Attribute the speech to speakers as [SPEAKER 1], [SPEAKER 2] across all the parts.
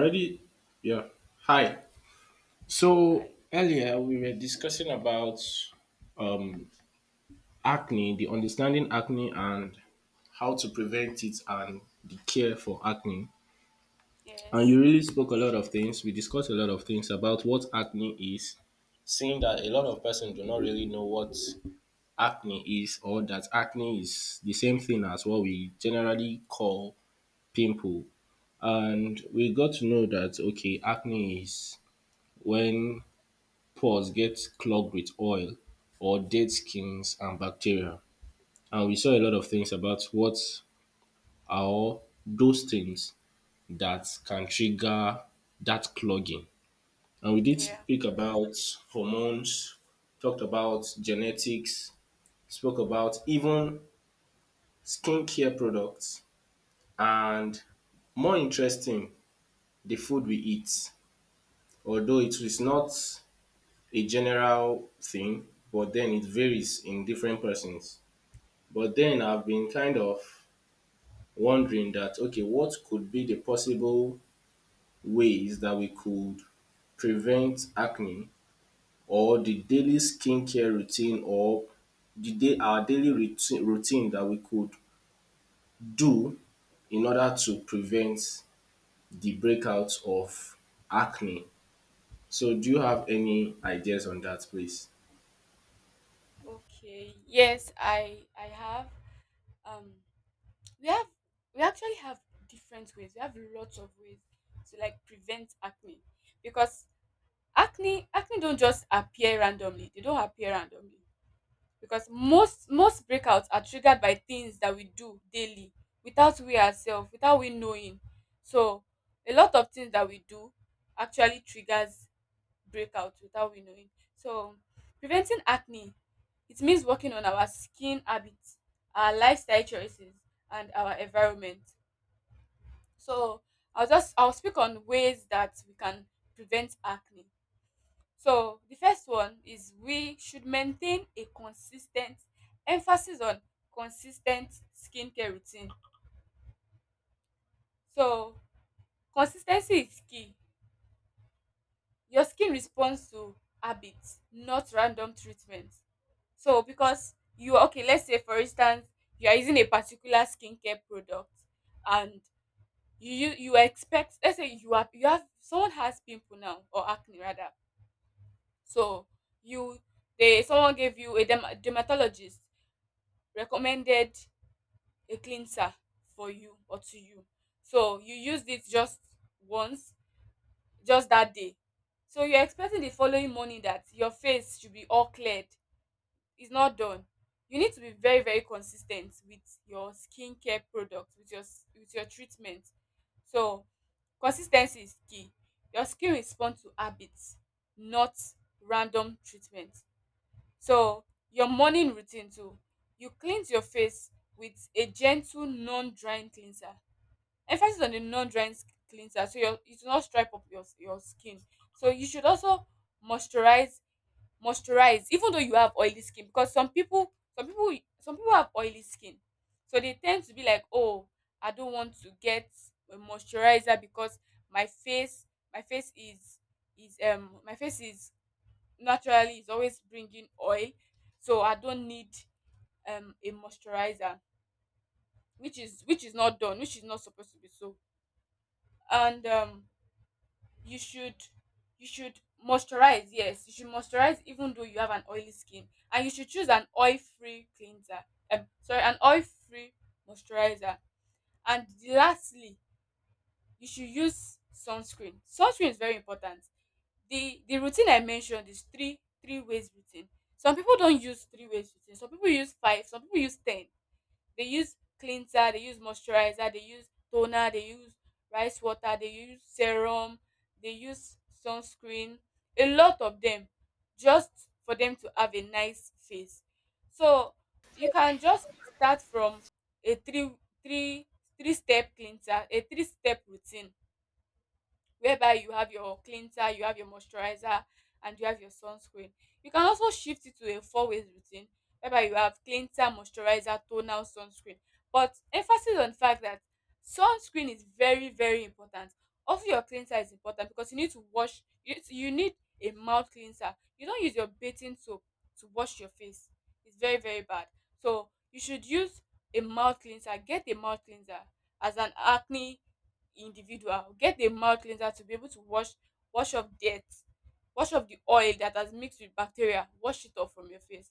[SPEAKER 1] Ready? Yeah. Hi. So
[SPEAKER 2] I
[SPEAKER 1] earlier we were discussing about um, acne, the understanding acne and how to prevent it and the care for acne. And
[SPEAKER 2] Yes.
[SPEAKER 1] you really spoke a lot of things. We discussed a lot of things about what acne is, seeing that a lot of persons do not really know what acne is, or that acne is the same thing as what we generally call pimple. And we got to know that okay, acne is when pores get clogged with oil or dead skins and bacteria. And we saw a lot of things about what are those things that can trigger that clogging. And we did
[SPEAKER 2] Yeah.
[SPEAKER 1] speak about hormones, talked about genetics, spoke about even skincare products, and more interesting, the food we eat. Although it is not a general thing, but then it varies in different persons. But then I've been kind of wondering that okay, what could be the possible ways that we could prevent acne, or the daily skincare routine, or the day our daily routine that we could do in order to prevent the breakouts of acne. So do you have any ideas on that please?
[SPEAKER 2] Okay. Yes, I have. Um we have we actually have different ways. We have lots of ways to like prevent acne. Because acne don't just appear randomly. They don't appear randomly. Because most breakouts are triggered by things that we do daily without we ourselves, without we knowing. So a lot of things that we do actually triggers breakouts without we knowing. So, preventing acne it means working on our skin habits, our lifestyle choices, and our environment. So, I'll speak on ways that we can prevent acne. So, the first one is we should maintain a consistent emphasis on consistent skincare routine. So, consistency is key. Your skin responds to habits, not random treatments. So because you are okay, let's say for instance, you are using a particular skincare product and you expect, let's say you have someone has pimple now, or acne rather. So you they, someone gave you a dermatologist recommended a cleanser for you or to you. So you used it just once, just that day. So you're expecting the following morning that your face should be all cleared. It's not done. You need to be very consistent with your skincare product, with your with your treatment. So consistency is key. Your skin responds to habits, not random treatment. So your morning routine too, you cleanse your face with a gentle non-drying cleanser, emphasis on the cleanser, so your it will not stripe up your skin. So you should also moisturize, moisturize even though you have oily skin, because some people some people have oily skin, so they tend to be like, oh, I don't want to get a moisturizer because my face my face is my face is naturally is always bringing oil, so I don't need a moisturizer, which is not done, which is not supposed to be so. And you should you should moisturize. Yes, you should moisturize even though you have an oily skin, and you should choose an oil free cleanser, sorry, an oil free moisturizer. And lastly, you should use sunscreen. Sunscreen is very important. The routine I mentioned is three ways routine. Some people don't use three ways routine, some people use five, some people use ten. They use cleanser, they use moisturizer, they use toner, they use rice water, they use serum, they use sunscreen. A lot of them, just for them to have a nice face. So you can just start from a three three step cleanser, a three step routine, whereby you have your cleanser, you have your moisturizer, and you have your sunscreen. You can also shift it to a four ways routine whereby you have cleanser, moisturizer, toner, sunscreen. But emphasis on the fact that sunscreen is very, very important. Also, your cleanser is important, because you need to wash, you need a mouth cleanser. You don't use your bathing soap to wash your face, it's very, very bad. So, you should use a mouth cleanser, get a mouth cleanser as an acne individual. Get a mouth cleanser to be able to wash off dirt, wash off the oil that has mixed with bacteria, wash it off from your face.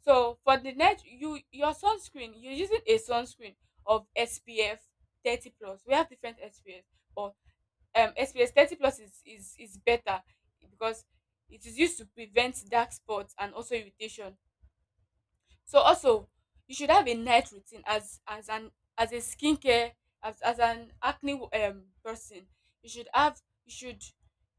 [SPEAKER 2] So for the night, your sunscreen, you're using a sunscreen of SPF 30 plus. We have different SPF, but SPF 30 plus is better, because it is used to prevent dark spots and also irritation. So also, you should have a night routine as an as a skincare as an acne person. You should have you should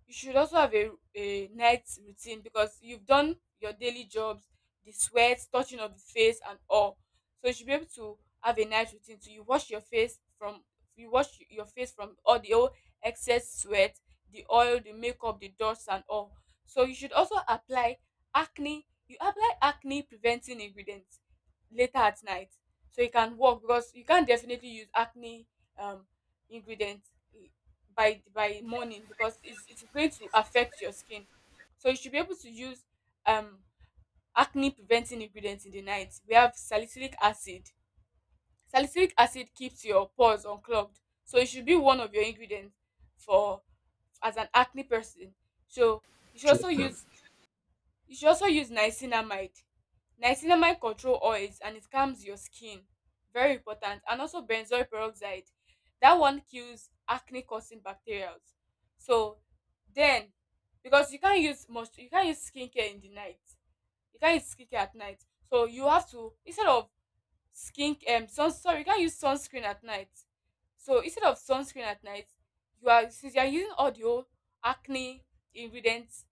[SPEAKER 2] you should also have a night routine, because you've done your daily jobs, the sweat, touching of the face and all. So you should be able to have a night routine. So you wash your face from all the old excess sweat, the oil, the makeup, the dust and all. So you should also apply acne. You have acne preventing ingredients later at night, so it can work, because you can't definitely use acne um ingredients i- by morning, because it's going to affect your skin. So you should be able to use um acne preventing ingredients in the night. We have salicylic acid. Salicylic acid keeps your pores unclogged, so it should be one of your ingredients for as an acne person. So you should also
[SPEAKER 1] Interesting.
[SPEAKER 2] use you should also use niacinamide. Niacinamide control oils and it calms your skin. Very important. And also benzoyl peroxide. That one kills acne causing bacteria. So then, because you can't use skincare in the night. You can't use skincare at night. So you have to, instead of skin sun sorry, you can't use sunscreen at night. So instead of sunscreen at night, you are since you are using all the whole acne ingredients,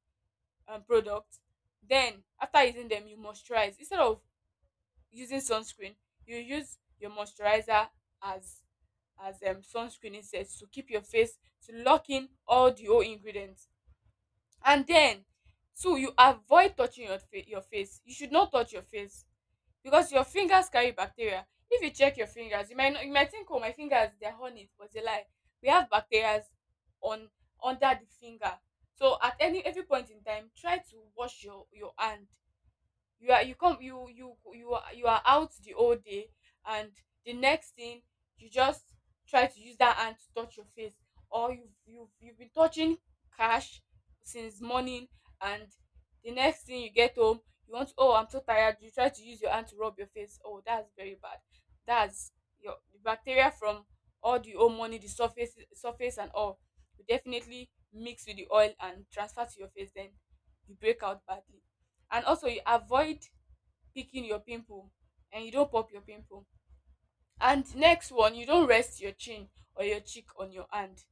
[SPEAKER 2] product, then after using them you moisturize. Instead of using sunscreen, you use your moisturizer as sunscreen instead, to keep your face, to lock in all the whole ingredients. And then two, you avoid touching your face. You should not touch your face, because your fingers carry bacteria. If you check your fingers, you might not, you might think, oh, my fingers, they're horny, but they lie. We have bacteria on under the finger. So at any every point in time, try to wash your hand. You are, you are out the whole day, and the next thing, you just try to use that hand to touch your face, or you've been touching cash since morning, and the next thing, you get home, you want to, oh, I'm so tired, you try to use your hand to rub your face. Oh, that's very bad. That's, your the bacteria from all the whole morning, the surface and all will definitely mix with the oil and transfer to your face, then you break out badly. And also you avoid picking your pimple, and you don't pop your pimple. And next one, you don't rest your chin or your cheek on your hand.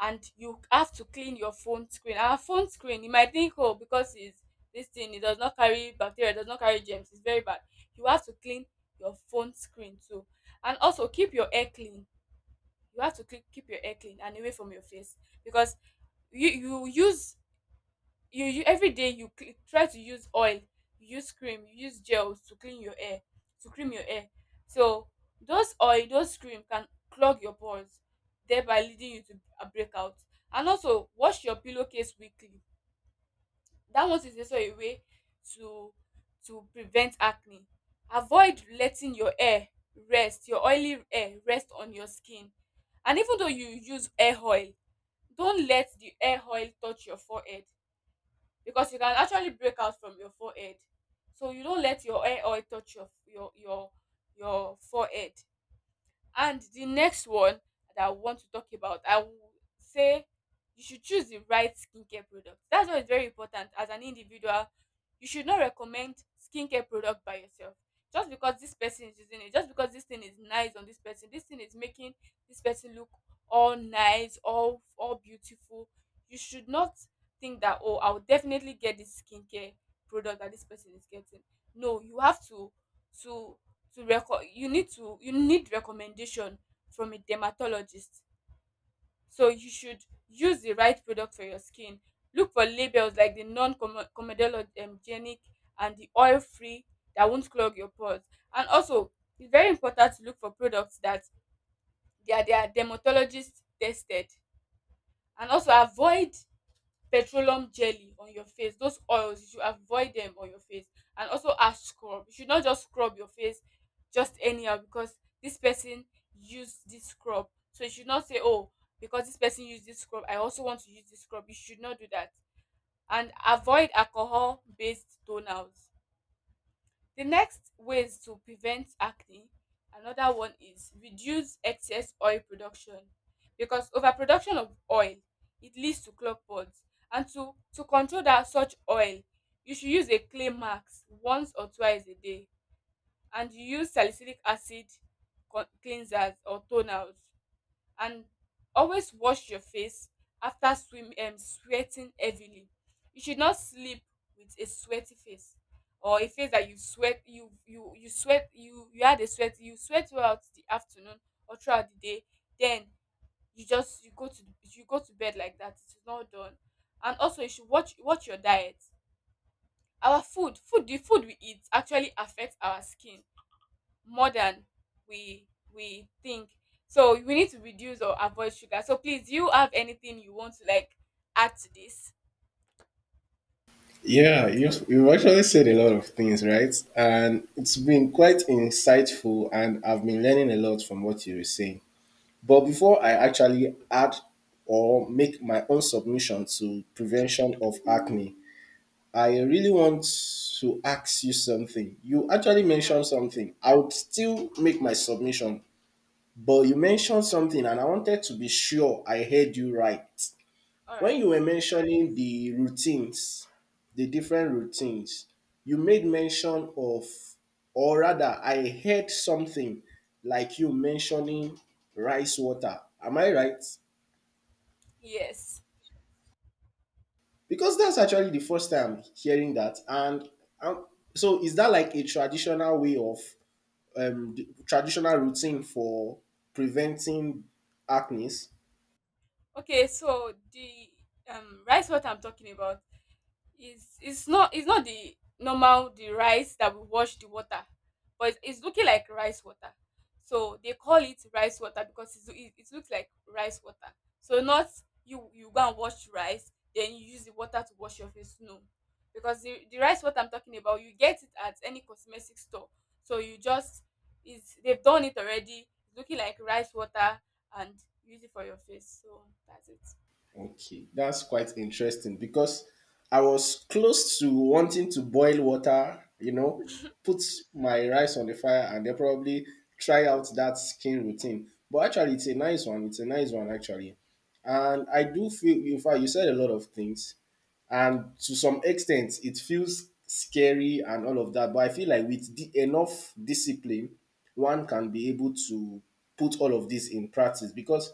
[SPEAKER 2] And you have to clean your phone screen. Our phone screen, you might think, oh, because it's this thing, it does not carry bacteria, it does not carry germs. It's very bad. You have to clean your phone screen too. And also keep your hair clean. You have to keep your hair clean and away from your face, because you you use you every day try to use oil, you use cream, you use gels to clean your hair, to cream your hair. So those oil, those cream can clog your pores, thereby leading you to a breakout. And also wash your pillowcase weekly. That one is also a way to to prevent acne. Avoid letting your hair rest, your oily hair rest on your skin. And even though you use hair oil, don't let the hair oil touch your forehead, because you can actually break out from your forehead. So you don't let your hair oil touch your your forehead. And the next one that I want to talk about, I will say you should choose the right skincare product. That's why it's very important as an individual. You should not recommend skincare product by yourself. Just because this person is using it, just because this thing is nice on this person, this thing is making this person look all nice, all beautiful. You should not think that, oh, I'll definitely get this skincare product that this person is getting. No, you have to you need recommendation from a dermatologist. So you should use the right product for your skin. Look for labels like the non-comedogenic and the oil free, that won't clog your pores. And also it's very important to look for products that they are dermatologist tested. And also avoid petroleum jelly on your face, those oils, you should avoid them on your face. And also ash scrub, you should not just scrub your face just anyhow, because this person used this scrub, so you should not say, oh, because this person used this scrub, I also want to use this scrub. You should not do that. And avoid alcohol based toners. The next ways to prevent acne, another one is reduce excess oil production, because overproduction of oil, it leads to clog pods. And to control that such oil, you should use a clay mask once or twice a day, and you use salicylic acid cleansers or toners. And always wash your face after swim sweating heavily. You should not sleep with a sweaty face, or a face that you sweat, you sweat throughout the afternoon or throughout the day, then you just, you go to bed like that. It is not done. And also you should watch your diet. Our food food the food we eat actually affects our skin more than we we think. So we need to reduce or avoid sugar. So please, do you have anything you want to like add to this?
[SPEAKER 1] Yeah, you've actually said a lot of things, right? And it's been quite insightful, and I've been learning a lot from what you were saying. But before I actually add or make my own submission to prevention of acne, I really want to ask you something. You actually mentioned something. I would still make my submission, but you mentioned something, and I wanted to be sure I heard you right.
[SPEAKER 2] All
[SPEAKER 1] When
[SPEAKER 2] right.
[SPEAKER 1] you were mentioning the routines, the different routines, you made mention of, or rather, I heard something like you mentioning rice water. Am I right?
[SPEAKER 2] Yes.
[SPEAKER 1] Because that's actually the first time hearing that. And um, so, is that like a traditional way of the traditional routine for preventing acne?
[SPEAKER 2] Okay. So the rice what I'm talking about, it's not the normal the rice that we wash the water, but it's looking like rice water. So they call it rice water because it looks like rice water. So not you, you go and wash rice, then you use the water to wash your face. No, because the rice water I'm talking about, you get it at any cosmetic store. So you just is, they've done it already. It's looking like rice water, and use it for your face. So that's it.
[SPEAKER 1] Okay, that's quite interesting because I was close to wanting to boil water, you know, put my rice on the fire and then probably try out that skin routine. But actually, it's a nice one. It's a nice one, actually. And I do feel, in fact, you said a lot of things, and to some extent it feels scary and all of that, but I feel like with enough discipline one can be able to put all of this in practice. Because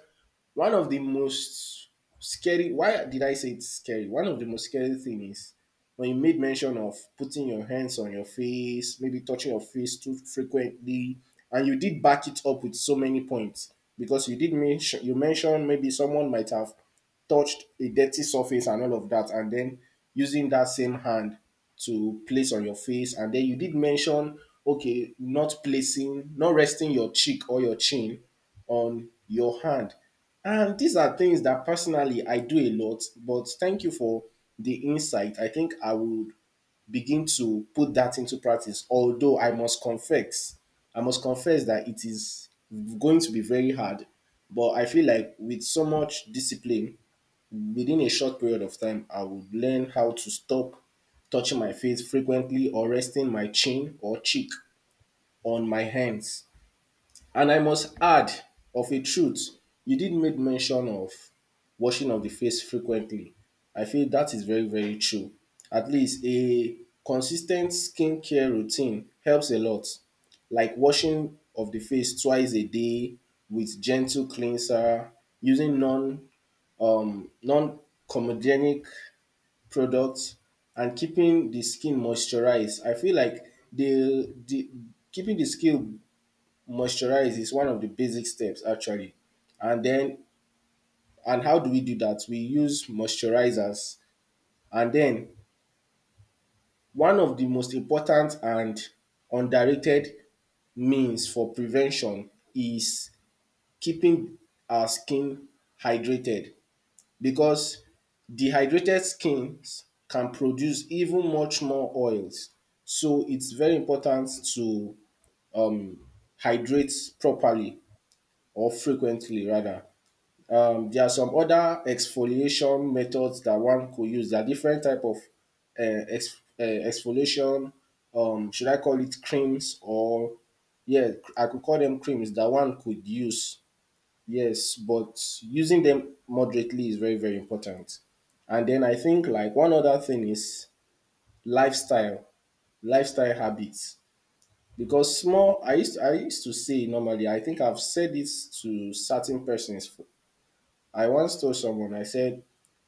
[SPEAKER 1] one of the most scary — why did I say it's scary — one of the most scary thing is when you made mention of putting your hands on your face, maybe touching your face too frequently, and you did back it up with so many points, because you did mention, you mentioned maybe someone might have touched a dirty surface and all of that, and then using that same hand to place on your face. And then you did mention, okay, not placing, not resting your cheek or your chin on your hand. And these are things that personally I do a lot, but thank you for the insight. I think I would begin to put that into practice, although I must confess that it is going to be very hard. But I feel like with so much discipline, within a short period of time, I would learn how to stop touching my face frequently or resting my chin or cheek on my hands. And I must add, of a truth, you did make mention of washing of the face frequently. I feel that is very, very true. At least a consistent skincare routine helps a lot, like washing of the face twice a day with gentle cleanser, using non comedogenic products, and keeping the skin moisturized. I feel like the keeping the skin moisturize is one of the basic steps actually. And then, and how do we do that? We use moisturizers. And then, one of the most important and underrated means for prevention is keeping our skin hydrated, because dehydrated skins can produce even much more oils. So it's very important to um, hydrate properly, or frequently rather. There are some other exfoliation methods that one could use. There are different type of exfoliation. Should I call it creams, or yeah, I could call them creams, that one could use. Yes, but using them moderately is very very important. And then I think like one other thing is lifestyle, lifestyle habits. Because small, I used to say normally. I think I've said this to certain persons. I once told someone. I said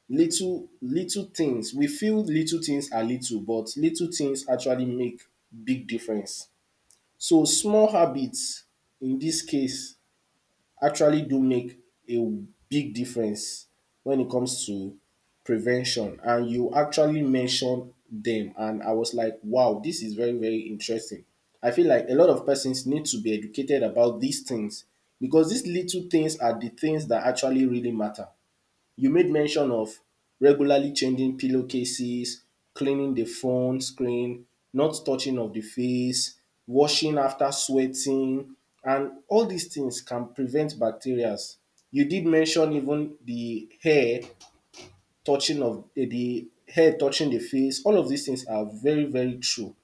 [SPEAKER 1] little little things, we feel little things are little, but little things actually make big difference. So small habits in this case actually do make a big difference when it comes to prevention. And you actually mentioned them and I was like wow, this is very very interesting. I feel like a lot of persons need to be educated about these things, because these little things are the things that actually really matter. You made mention of regularly changing pillow cases, cleaning the phone screen, not touching of the face, washing after sweating, and all dis things can prevent bacterias. You did mention even the hair touching of the hair touching the face. All of dis things are very very true.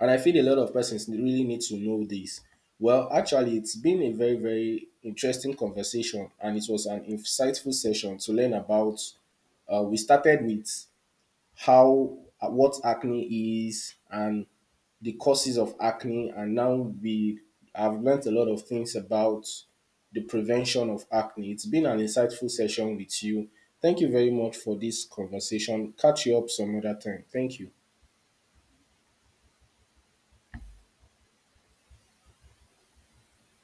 [SPEAKER 1] And I feel a lot of persons really need to know this. Well, actually, it's been a very, very interesting conversation, and it was an insightful session to learn about. We started with how what acne is and the causes of acne, and now we have learnt a lot of things about the prevention of acne. It's been an insightful session with you. Thank you very much for this conversation. Catch you up some other time. Thank you.